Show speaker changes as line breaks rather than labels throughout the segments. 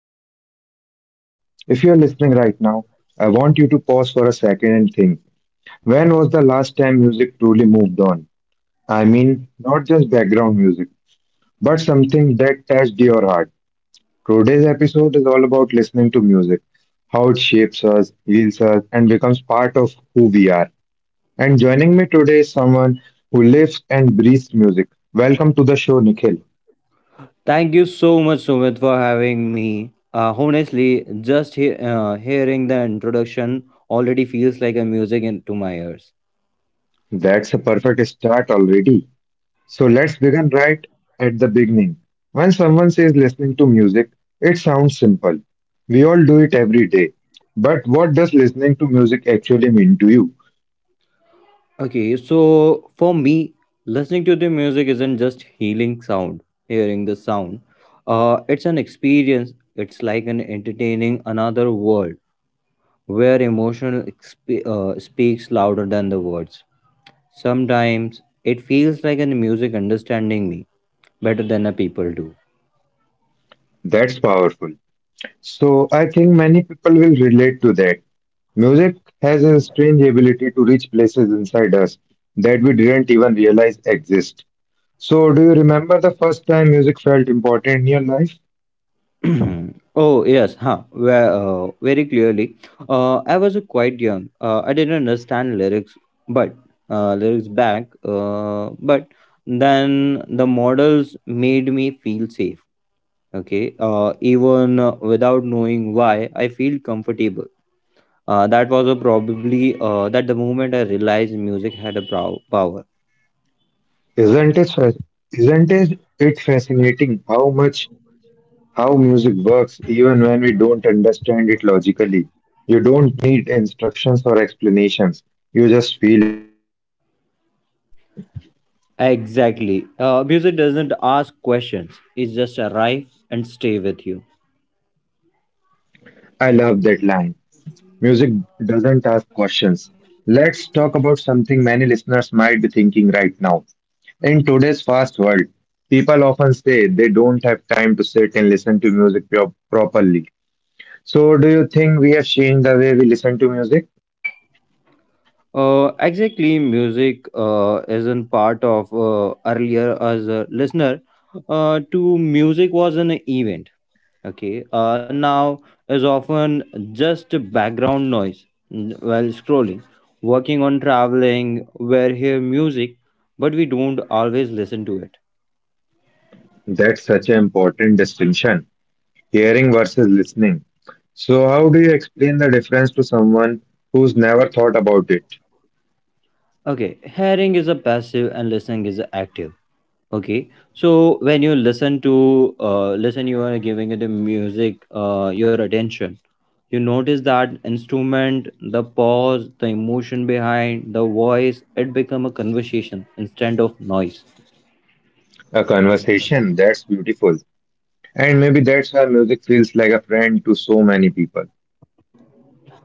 welcome back to the show. If you're listening right now, I want you to pause for a second and think when was the last time music truly moved on? I mean, not just background music, but something that touched your heart. Today's episode is all about listening to music, how it shapes us, heals us, and becomes part of who we are. And joining me today is someone who lives and breathes music. Welcome to the show, Nikhil.
Thank you so much, Sumit, for having me. Honestly, just hearing the introduction already feels like a music into my ears.
That's a perfect start already. So let's begin right at the beginning. When someone says listening to music, it sounds simple. We all do it every day. But what does listening to music actually mean to you?
Okay, so for me, listening to the music isn't just healing sound, hearing the sound. It's an experience. It's like an entertaining another world where emotional speaks louder than the words. Sometimes it feels like a music understanding me better than a people do.
That's powerful. So I think many people will relate to that. Music has a strange ability to reach places inside us that we didn't even realize exist. So do you remember the first time music felt important in your life?
Oh yes, huh? Where, very clearly. I was quite young. I didn't understand lyrics, but lyrics back. But then the models made me feel safe. Okay. Even without knowing why, I feel comfortable. That was a probably that the moment I realized music had a power.
Isn't it, fa- isn't it fascinating how music works even when we don't understand it logically? You don't need instructions or explanations, you just feel it.
Exactly. Music doesn't ask questions. It just arrive and stay with you.
I love that line. Music doesn't ask questions. Let's talk about something many listeners might be thinking right now. In today's fast world, people often say they don't have time to sit and listen to music properly. So, do you think we have changed the way we listen to music?
Exactly, music isn't part of earlier as a listener. To music was an event. Okay, now is often just background noise, while scrolling, working on traveling. Where hear music, but we don't always listen to it.
That's such an important distinction. Hearing versus listening. So, how do you explain the difference to someone who's never thought about it?
Okay, hearing is a passive and listening is active. Okay, so when you listen, you are giving it the music your attention. You notice that instrument, the pause, the emotion behind the voice. It become a conversation instead of noise.
A conversation, that's beautiful. And maybe that's why music feels like a friend to so many people.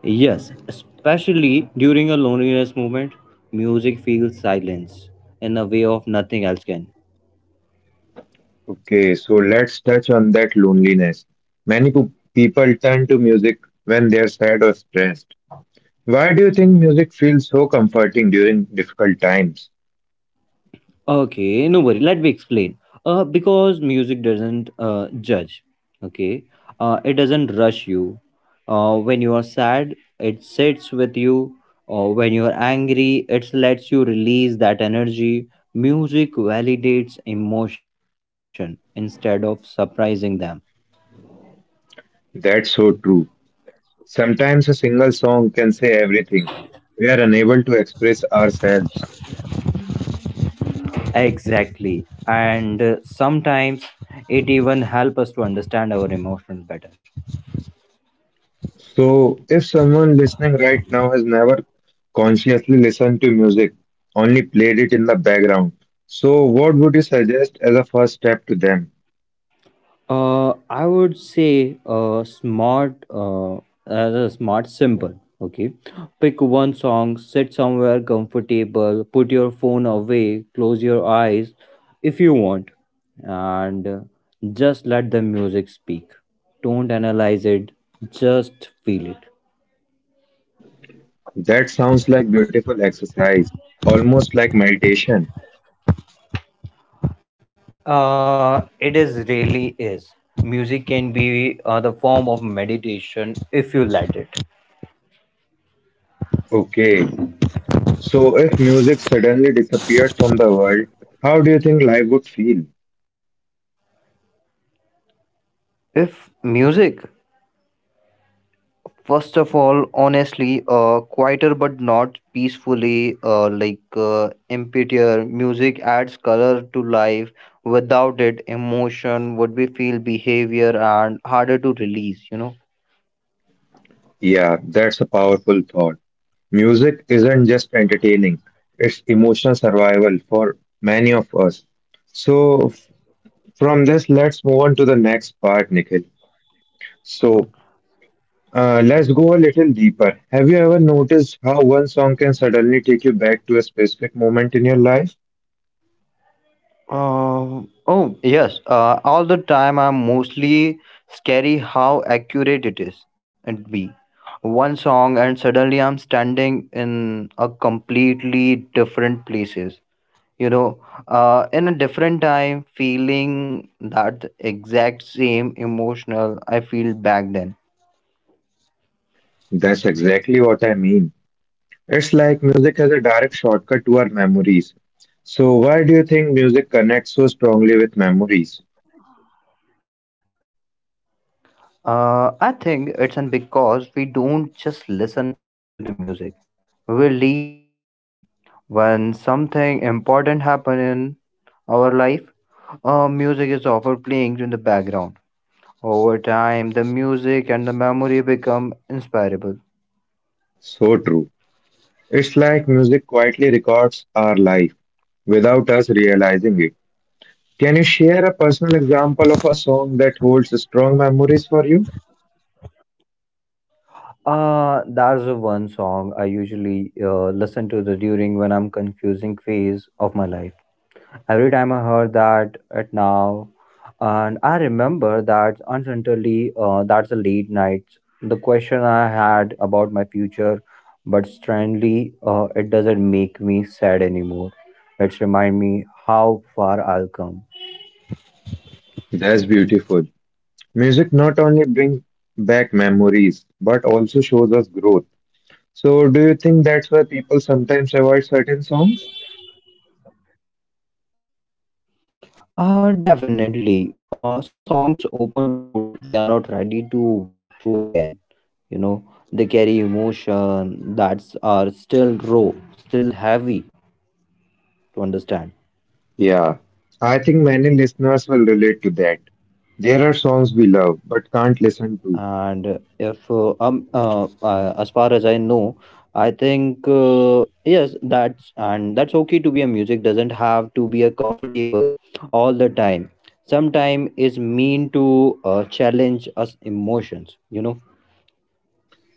Yes, especially during a loneliness moment, music feels silence in a way of nothing else can.
Okay, so let's touch on that loneliness. Many people turn to music when they're sad or stressed. Why do you think music feels so comforting during difficult times?
Okay, no worry. Let me explain. Because music doesn't judge. Okay, it doesn't rush you. When you are sad, it sits with you. Or when you are angry, it lets you release that energy. Music validates emotion instead of surprising them.
That's so true. Sometimes a single song can say everything. We are unable to express ourselves.
Exactly, and sometimes it even helps us to understand our emotions better.
So, if someone listening right now has never consciously listened to music, only played it in the background, so what would you suggest as a first step to them?
I would say smart as a smart symbol. Okay, pick one song, sit somewhere comfortable, put your phone away, close your eyes if you want, and just let the music speak. Don't analyze it, just feel it.
That sounds like beautiful exercise, almost like meditation.
It is really is. Music can be the form of meditation if you let it.
Okay, so if music suddenly disappeared from the world, how do you think life would feel?
If music first of all, honestly, quieter but not peacefully, like emptier, music adds color to life. Without it, emotion would be feel behavior and harder to release,
Yeah, that's a powerful thought. Music isn't just entertaining, it's emotional survival for many of us. So, from this, let's move on to the next part, Nikhil. So, let's go a little deeper. Have you ever noticed how one song can suddenly take you back to a specific moment in your life?
Oh, yes. All the time, I'm mostly scary how accurate it is. And be one song, and suddenly I'm standing in a completely different places you know in a different time feeling that exact same emotional I feel back then.
That's exactly what I mean. It's like music has a direct shortcut to our memories. So, why do you think music connects so strongly with memories?
I think it's an because we don't just listen to the we leave the moment with it when something important happen in our life, music is often playing in the background. Over time the music and the memory become inseparable.
So true. It's like music quietly records our life without us realizing it. Can you share a personal example of a song that holds strong memories for you?
That's the one song I usually listen to the during when I'm confusing phase of my life. Every time I heard that at now, and I remember that uncertainly, that's a late night. The question I had about my future, but strangely, it doesn't make me sad anymore. It reminds me how far I'll come.
That's beautiful. Music not only brings back memories, but also shows us growth. So, do you think that's why people sometimes avoid certain songs?
Definitely. Some songs open doors we are not ready to walk through again. You know, they carry emotion that's are still raw, still heavy to understand.
Yeah, I think many listeners will relate to that. There are songs we love but can't listen to.
And if as far as I know, I think yes, that's and that's okay to be a music doesn't have to be a comfortable all the time. Sometime is mean to challenge us emotions. You know.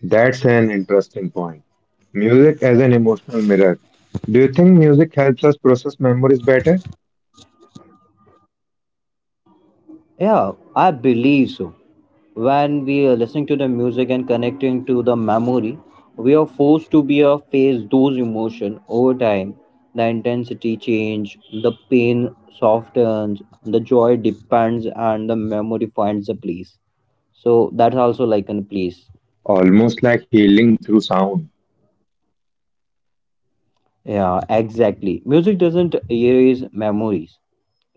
That's an interesting point. Music as an emotional mirror. Do you think music helps us process memories better?
Yeah, I believe so. When we are listening to the music and connecting to the memory, we are forced to be a face those over time. The intensity change, the pain softens, the joy depends, and the memory finds a place. So that's also like in place.
Almost like healing through sound.
Yeah, exactly. Music doesn't erase memories,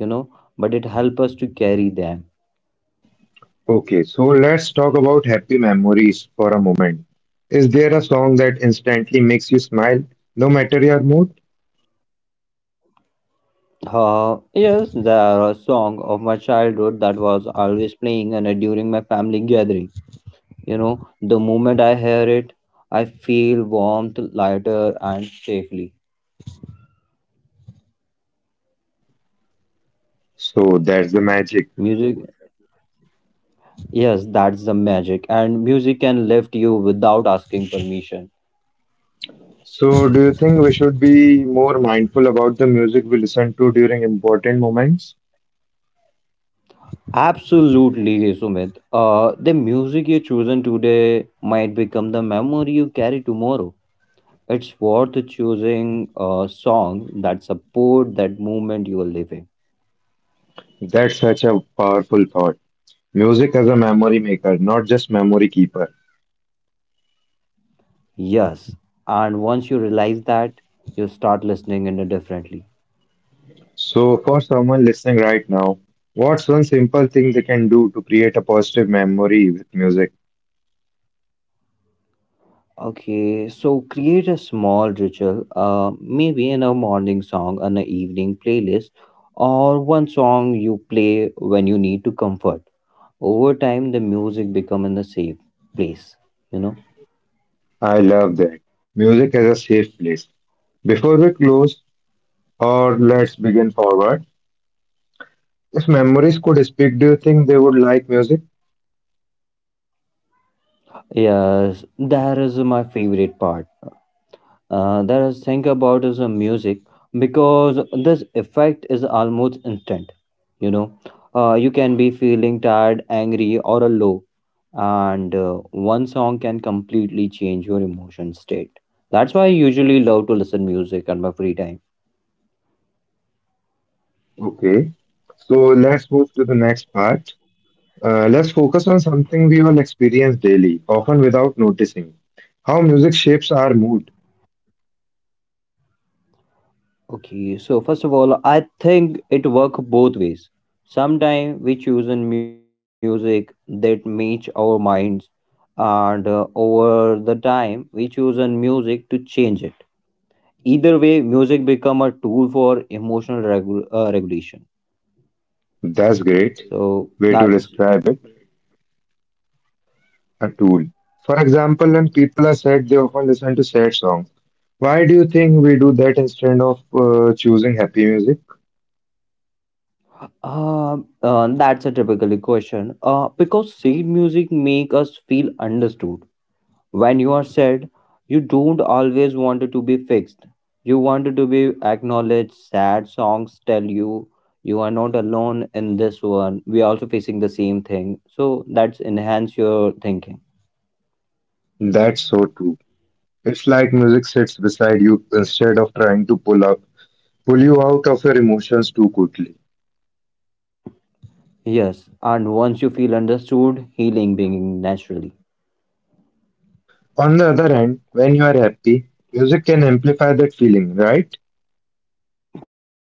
you know, but it helps us to carry them.
Okay, so let's talk about happy memories for a moment. Is there a song that instantly makes you smile, no matter your mood?
Yes, there are a song of my childhood that was always playing and during my family gathering. You know, the moment I hear it, I feel warmth, lighter, and safely.
So that's the magic.
Music, yes, that's the magic, and music can lift you without asking permission.
So, do you think we should be more mindful about the music we listen to during important moments?
Absolutely, Sumit. The music you chosen today might become the memory you carry tomorrow. It's worth choosing a song that support that moment you are living.
That's such a powerful thought. Music as a memory maker, not just memory keeper.
Yes, and once you realize that, you start listening in a differently.
So, for someone listening right now, what's one simple thing they can do to create a positive memory with music?
Okay, so create a small ritual, maybe in a morning song, an evening playlist, or one song you play when you need to comfort. Over time, the music become in the safe place, you know.
I love that. Music as a safe place. Before we close, or let's begin forward. If memories could speak, do you think they would like music?
Yes, that is my favorite part. That I think about is the music because this effect is almost instant. You know, you can be feeling tired, angry, or a low, and one song can completely change your emotion state. That's why I usually love to listen music at my free time.
Okay. So let's move to the next part. Let's focus on something we all experience daily, often without noticing. How music shapes our mood.
Okay, so first of all, I think it work both ways. Sometimes we choose in music that match our minds, and over the time we choose in music to change it. Either way, music become a tool for emotional regulation.
That's great.
So
Way to describe it. A tool. For example, when people are sad, they often listen to sad songs. Why do you think we do that instead of choosing happy music?
that's a typically question. Because sad music make us feel understood. When you are sad, you don't always want it to be fixed. You want it to be acknowledged. Sad songs tell you you are not alone in this one. We are also facing the same thing. So that's enhance your thinking.
That's so true. It's like music sits beside you instead of trying to pull you out of your emotions too quickly.
Yes, and once you feel understood, healing being naturally.
On the other hand, when you are happy, music can amplify that feeling, right?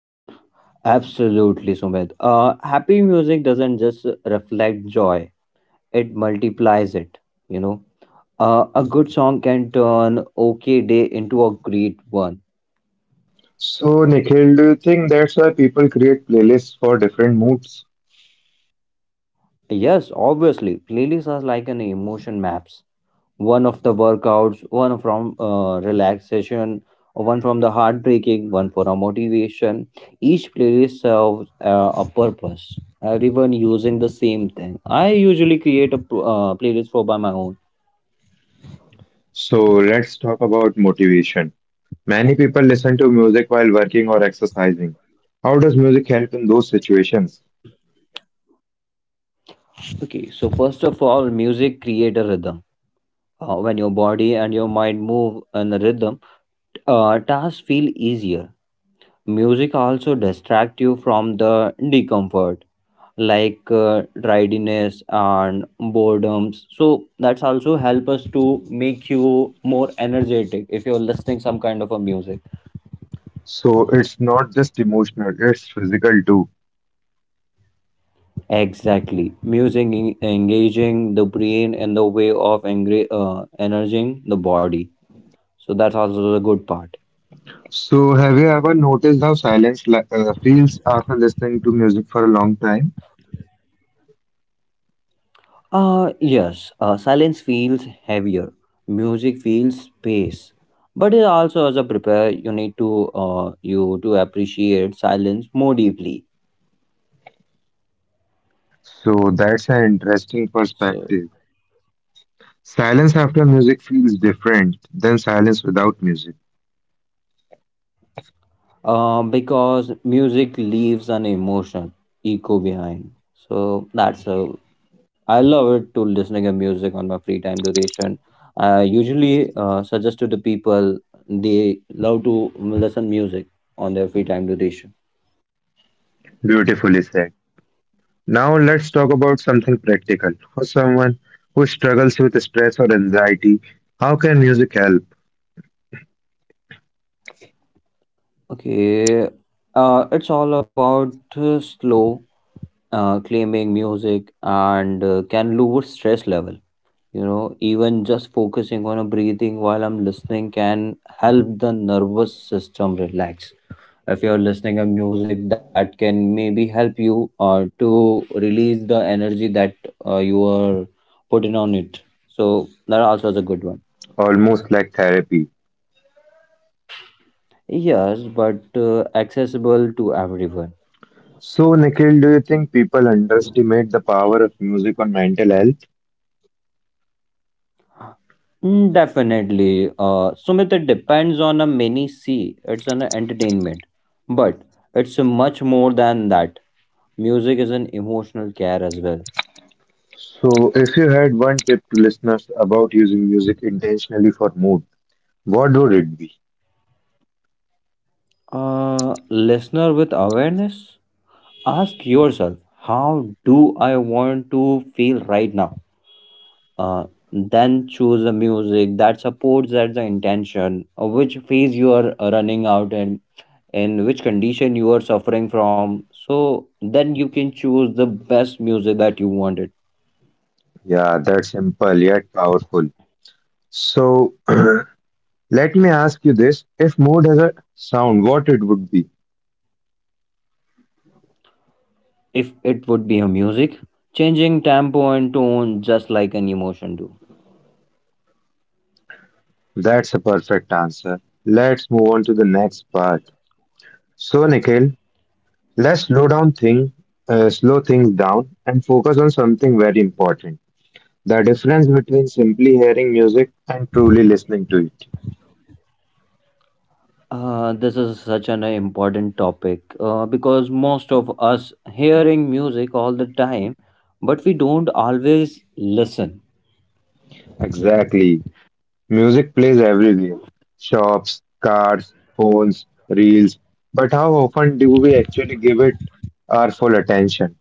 Absolutely, Sumit. Happy music doesn't just reflect joy, it multiplies it, you know. A good song can turn okay day into a great one.
So Nikhil, do you think that's why people create playlists for different moods?
Yes, obviously, playlists are like an emotion maps. One of the workouts, one from relaxation, one from the heartbreaking, one for a motivation. Each playlist serves a purpose. Everyone using the same thing. I usually create a playlist for by my own.
So let's talk about motivation. Many people listen to music while working or exercising. How does music help in those situations?
Okay, so first of all, music create a rhythm. When your body and your mind move in a rhythm, tasks feel easier. Music also distract you from the discomfort, like tidiness and boredoms. So that's also help us to make you more energetic if you're listening some kind of a music.
So it's not just emotional, it's physical too.
Exactly. Music engaging the brain in the way of energizing the body. So that's also the good part.
So, have you ever noticed how silence feels after listening to music for a long time?
Yes, silence feels heavier. Music feels space. But it also as a prepare, you need to you to appreciate silence more deeply.
So, that's an interesting
So
perspective. Silence after music feels different than silence without music.
because music leaves an emotion echo behind. So that's a I love it to listening to music on my free time duration. I usually suggest to the people they love to listen music on their free time duration.
Beautifully said. Now, let's talk about something practical. For someone who struggles with stress or anxiety, how can music help?
Okay, it's all about slow, claiming music and can lower stress level. You know, even just focusing on a breathing while I'm listening can help the nervous system relax. If you're listening to music, that can maybe help you to release the energy that you are putting on it. So that also is a good one.
Almost like therapy.
Yes, but accessible to everyone.
So, Nikhil, do you think people underestimate the power of music on mental health?
Definitely. Sumit, it depends on a many C. It's an entertainment, but it's much more than that. Music is an emotional care as well.
So, if you had one tip to listeners about using music intentionally for mood, what would it be?
Listener with awareness, ask yourself, how do I want to feel right now? Uh, then choose a music that supports that the intention, which phase you are running out and in which condition you are suffering from. So then you can choose the best music that you wanted.
Yeah, that's simple yet powerful. So, let me ask you this: if mood has a sound, what it would be?
If it would be a music, changing tempo and tone just like an emotion do.
That's a perfect answer. Let's move on to the next part. So, Nikhil, let's slow down thing, slow things down and focus on something very important. The difference between simply hearing music and truly listening to it.
This is such an important topic because most of us hearing music all the time, but we don't always listen.
Exactly. Music plays everywhere: shops, cars, phones, reels. But how often do we actually give it our full attention?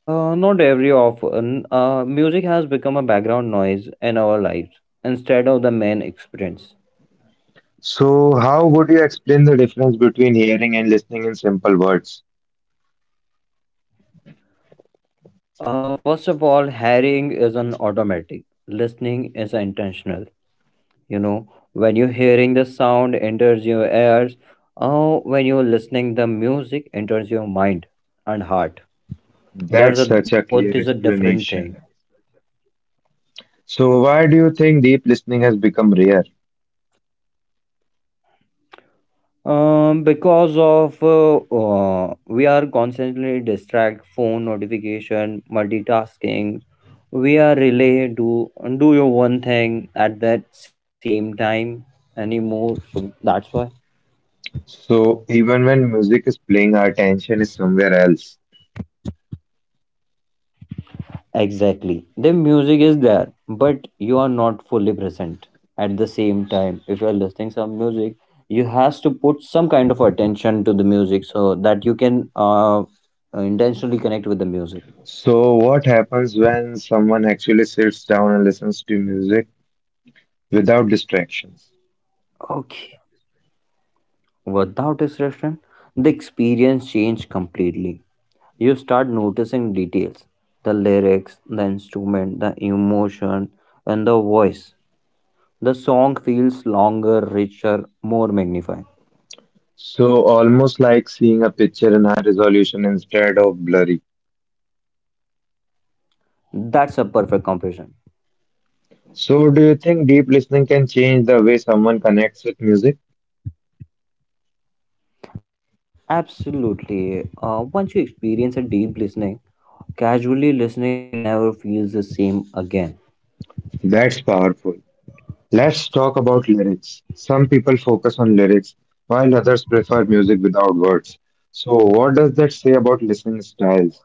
Not every often, music has become a background noise in our lives instead of the main experience.
So, how would you explain the difference between hearing and listening in simple words?
First of all, hearing is an automatic. Listening is intentional. Know, when you're hearing the sound enters your ears, when you're listening, the music enters your mind and heart.
That's
There's a
such a clear
both is a different thing.
explanation. So, why do you think deep listening has become rare?
Because of we are constantly distract phone notification, multitasking. We are really do your one thing at that same time anymore. So that's why.
So, even when music is playing, our attention is somewhere else.
Exactly. The music is there, but you are not fully present. At the same time, if you are listening some music, you has to put some kind of attention to the music so that you can intentionally connect with the music.
So, what happens when someone actually sits down and listens to music without distractions?
Okay. Without distraction, the experience changed completely. You start noticing details, the lyrics, the instrument, the emotion, and the voice. The song feels longer, richer, more magnified.
So almost like seeing a picture in high resolution instead of blurry.
That's a perfect comparison.
So do you think deep listening can change the way someone connects with music?
Absolutely. Once you experience a deep listening, casually listening never feels the same again.
That's powerful. Let's talk about lyrics. Some people focus on lyrics while others prefer music without words. So what does that say about listening styles?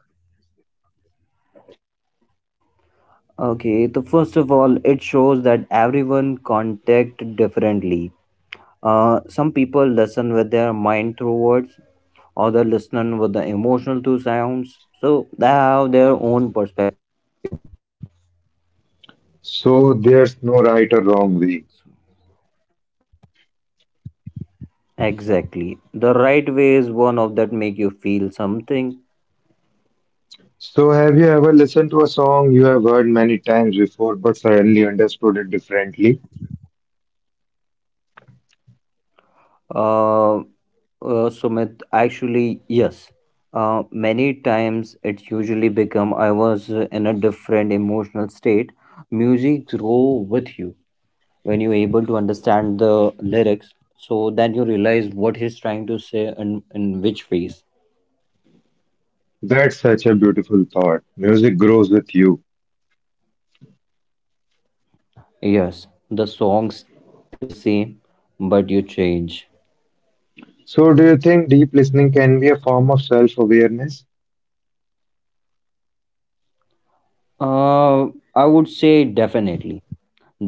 Okay, so first of all, it shows that everyone contact differently. Some people listen with their mind through words, other listen with the emotional through sounds. So they have their own perspective.
So there's no right or wrong way.
Exactly. The right way is one of that make you feel something.
So have you ever listened to a song you have heard many times before but suddenly understood it differently?
Uh, uh, Sumit, actually, yes. Many times it usually become I was in a different emotional state. Music grow with you when you're able to understand the lyrics. So then you realize what he's trying to say and in which phase.
That's such a beautiful thought. Music grows with you.
Yes, the songs stay the same, but you change.
So, do you think deep listening can be a form of self awareness?
Uh, I would say definitely.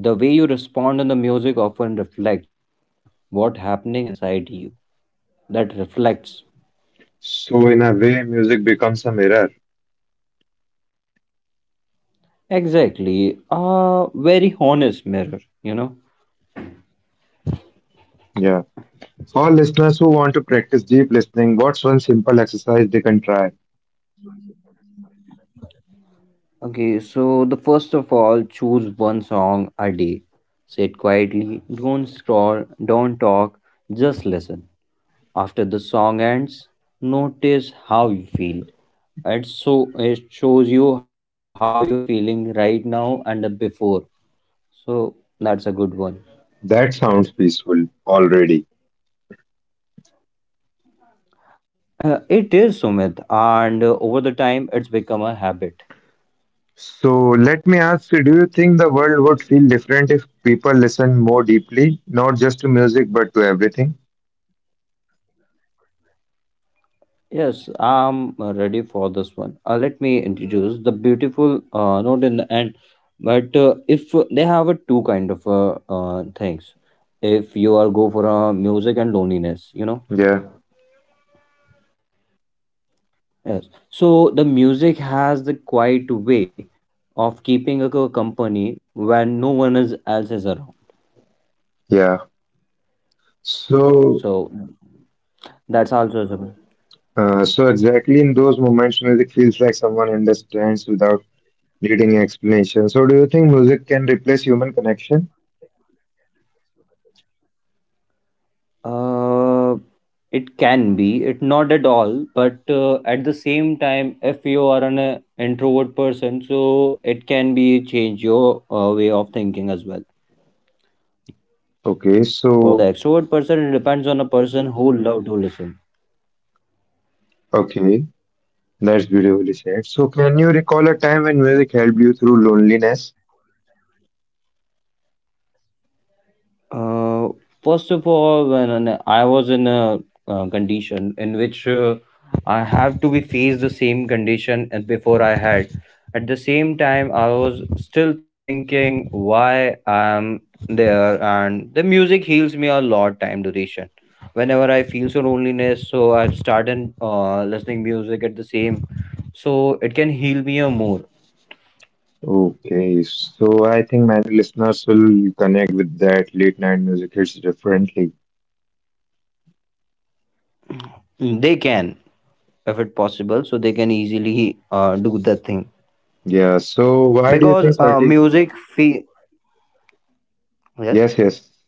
The way you respond in the music often reflects what's happening inside you that reflects
So, in a way, music becomes a mirror.
exactly a very honest mirror, you know.
Yeah. For listeners who want to practice deep listening, what's one simple exercise they can try?
So the first of all, choose one song a day. Sit quietly, don't scroll, don't talk, just listen. After the song ends, notice how you feel, and so it shows you how you're feeling right now and the before. So that's a good one.
That sounds peaceful already.
It is Sumit, and over the time it's become a habit.
So, let me ask you, do you think the world would feel different if people listen more deeply, not just to music but to everything?
Yes, I'm ready for this one. Let me introduce the beautiful note in the end. But they have a two kind of things, if you are go for music and loneliness, you know.
Yeah.
Yes. So the music has the quiet way of keeping a company when no one is else is around.
Yeah.
So
So,
that's also
so exactly in those moments, music feels like someone understands without needing explanation. So do you think music can replace human connection?
a. It can be, it not at all, but at the same time, if you are an introvert person, so it can be change your way of thinking as well.
Okay,
For the
so
extrovert person, it depends on a person who love to listen.
okay, that's beautifully said. So can you recall a time when music helped you through loneliness?
Uh, First of all, when I was in a condition in which I have to be faced the condition as before I had. At the same time, I was still thinking why I'm there, and the music heals me a lot time duration. Whenever I feel so loneliness, so I started listening music at the same, so it can heal me a more.
Okay, so I think many listeners will connect with that late night music hits differently.
They can, if it possible, so they can easily do that thing
Yeah, so why do you
because
think certain?
music yes,
Yes, yes,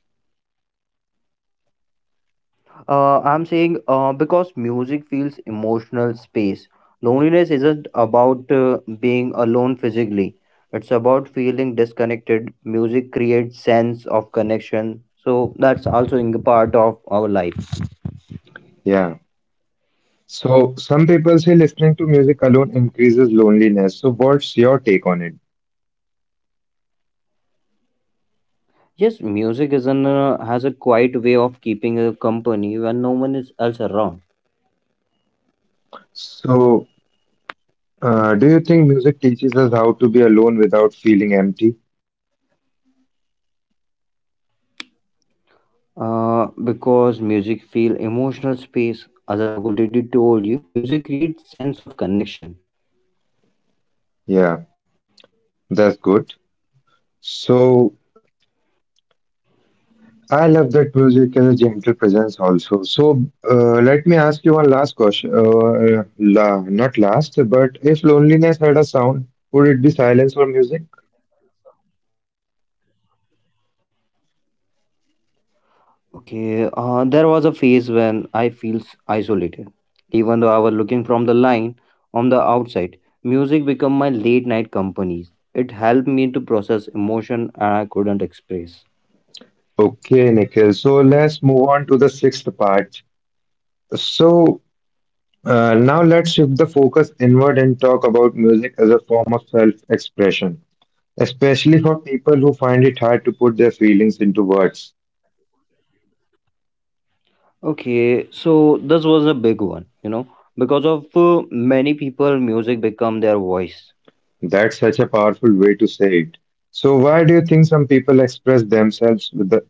I'm saying because music feels emotional space, loneliness isn't about being alone physically, it's about feeling disconnected. Music creates sense of connection, so that's also in the part of our life.
yeah. So some people say listening to music alone increases loneliness. So what's your take on it?
Yes, music is an has a quiet way of keeping a company when no one is else around.
So, do you think music teaches us how to be alone without feeling empty?
Because music feel emotional space, as I already told you, music creates sense of connection.
Yeah, that's good. So, I love that music has a gentle presence also. So, let me ask you one last question. La Not last, but if loneliness had a sound, would it be silence or music?
Okay, there was a phase when I feels isolated, was looking from the line on the outside. Music become my late night companies. It helped me to process emotion and I couldn't express.
Okay, Nikhil. So, let's move on to the sixth part. So, now let's shift the focus inward and talk about music as a form of self-expression, especially for people who find it hard to put their feelings into words.
Okay, so this was a big one, you know, because of many people, music become their voice.
That's such a powerful way to say it. So, why do you think some people express themselves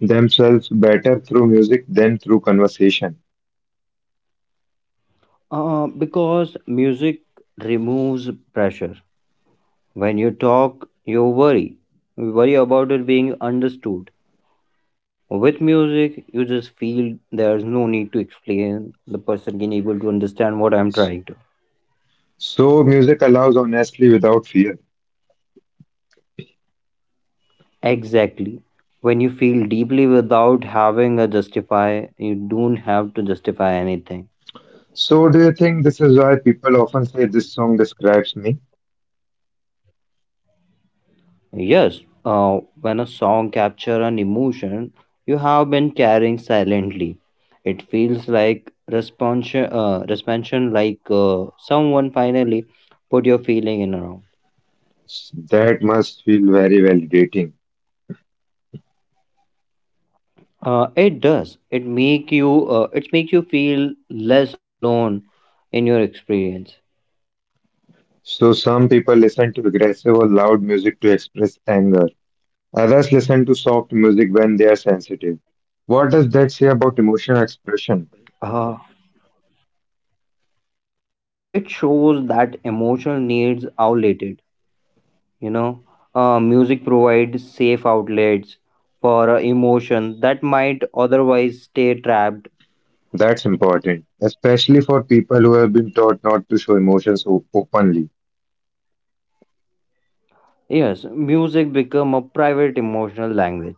themselves better through music than through conversation?
Because music removes pressure. When you talk, you worry. You worry about it being understood. With music, you just feel there's no need to explain. The person can able to understand what I'm trying to.
So, music allows honestly without fear.
Exactly. When you feel deeply without having a justify, you don't have to justify anything.
So, do you think this is why people often say this song describes me?
Yes, when a song captures an emotion you have been carrying silently, it feels like responsion, responsion, like someone finally put your feeling in around.
That must feel very validating.
It does. It make you. It makes you feel less alone in your experience.
So, some people listen to aggressive or loud music to express anger, others listen to soft music when they are sensitive. What does that say about emotional
Uh,
expression?
uh,
That's important, especially for people who have been taught not to show emotions openly.
Yes, music become a private emotional language.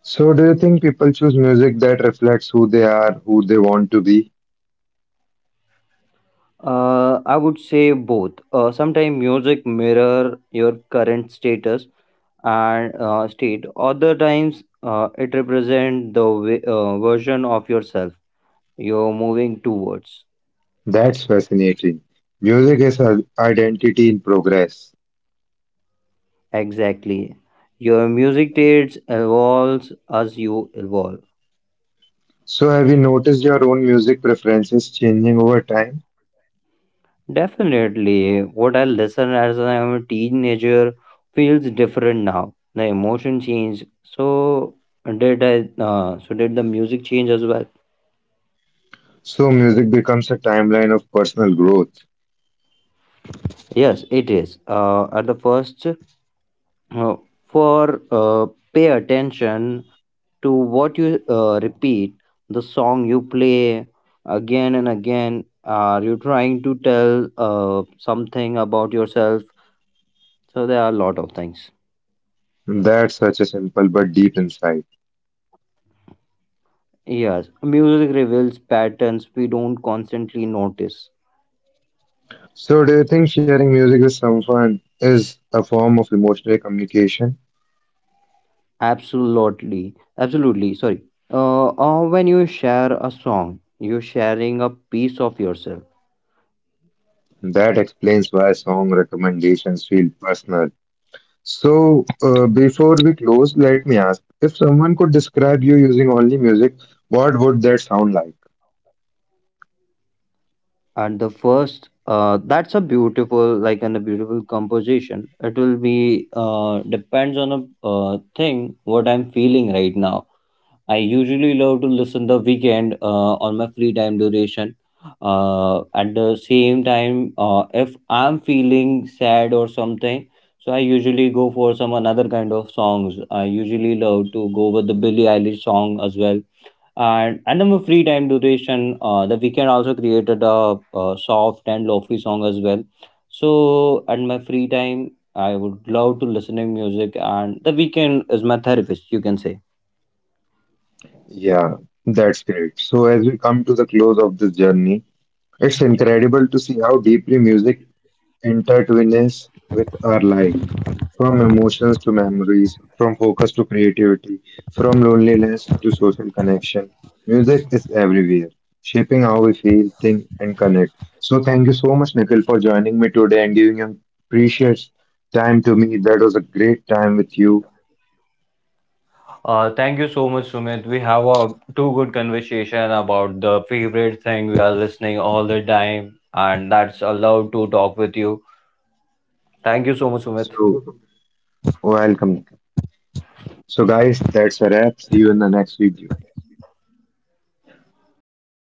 So, do you think people choose music that reflects who they are, who they want to be?
I would say both. Sometimes music mirror your current status and state. Other times it represent the version of yourself you're moving towards.
That's fascinating. Music is identity in progress.
Exactly. Your music tastes evolves as you evolve.
So, have you noticed your own music preferences changing over time?
Definitely, what I listened as I am a teenager feels different now. The emotion changed. So did I? So did the music change as well?
So, music becomes a timeline of personal growth.
Yes, it is. At the first, uh, for pay attention to what you repeat, the song you play again and again. Are you trying to tell something about yourself? So there are a lot of things.
That's such a simple but deep insight.
Yes, music reveals patterns we don't constantly notice.
So, do you think sharing music with someone is a form of emotional communication?
Absolutely, absolutely. Sorry. Or when you share a song, you're sharing a piece of yourself.
That explains why song recommendations feel personal. So, before we close, let me ask, if someone could describe you using only music, what would that sound like?
At the first, that's a beautiful, like, and a beautiful composition. It will be depends on a thing what I'm feeling right now. I usually love to listen the weekend on my free time duration. At the same time, if I'm feeling sad or something, so I usually go for some another kind of songs. I usually love to go with the Billie Eilish song as well. And on my free time duration, the weekend also created a, soft and lofi song as well. So at my free time, I would love to listening music, and the weekend is my therapist. You can say.
Yeah, that's great. So, as we come to the close of this journey, it's incredible to see how deeply music intertwines with our life. From emotions to memories, from focus to creativity, from loneliness to social connection. Music is everywhere, shaping how we feel, think, and connect. So, thank you so much, Nikhil, for joining me today and giving your precious time to me. That was a great time with you.
Thank you so much, Sumit. We have a two good conversation about the favorite thing we are listening all the time, and that's allowed to talk with you. Thank you so much, Sumit.
So, welcome, Nikhil. So, guys, that's a wrap. See you in the next video.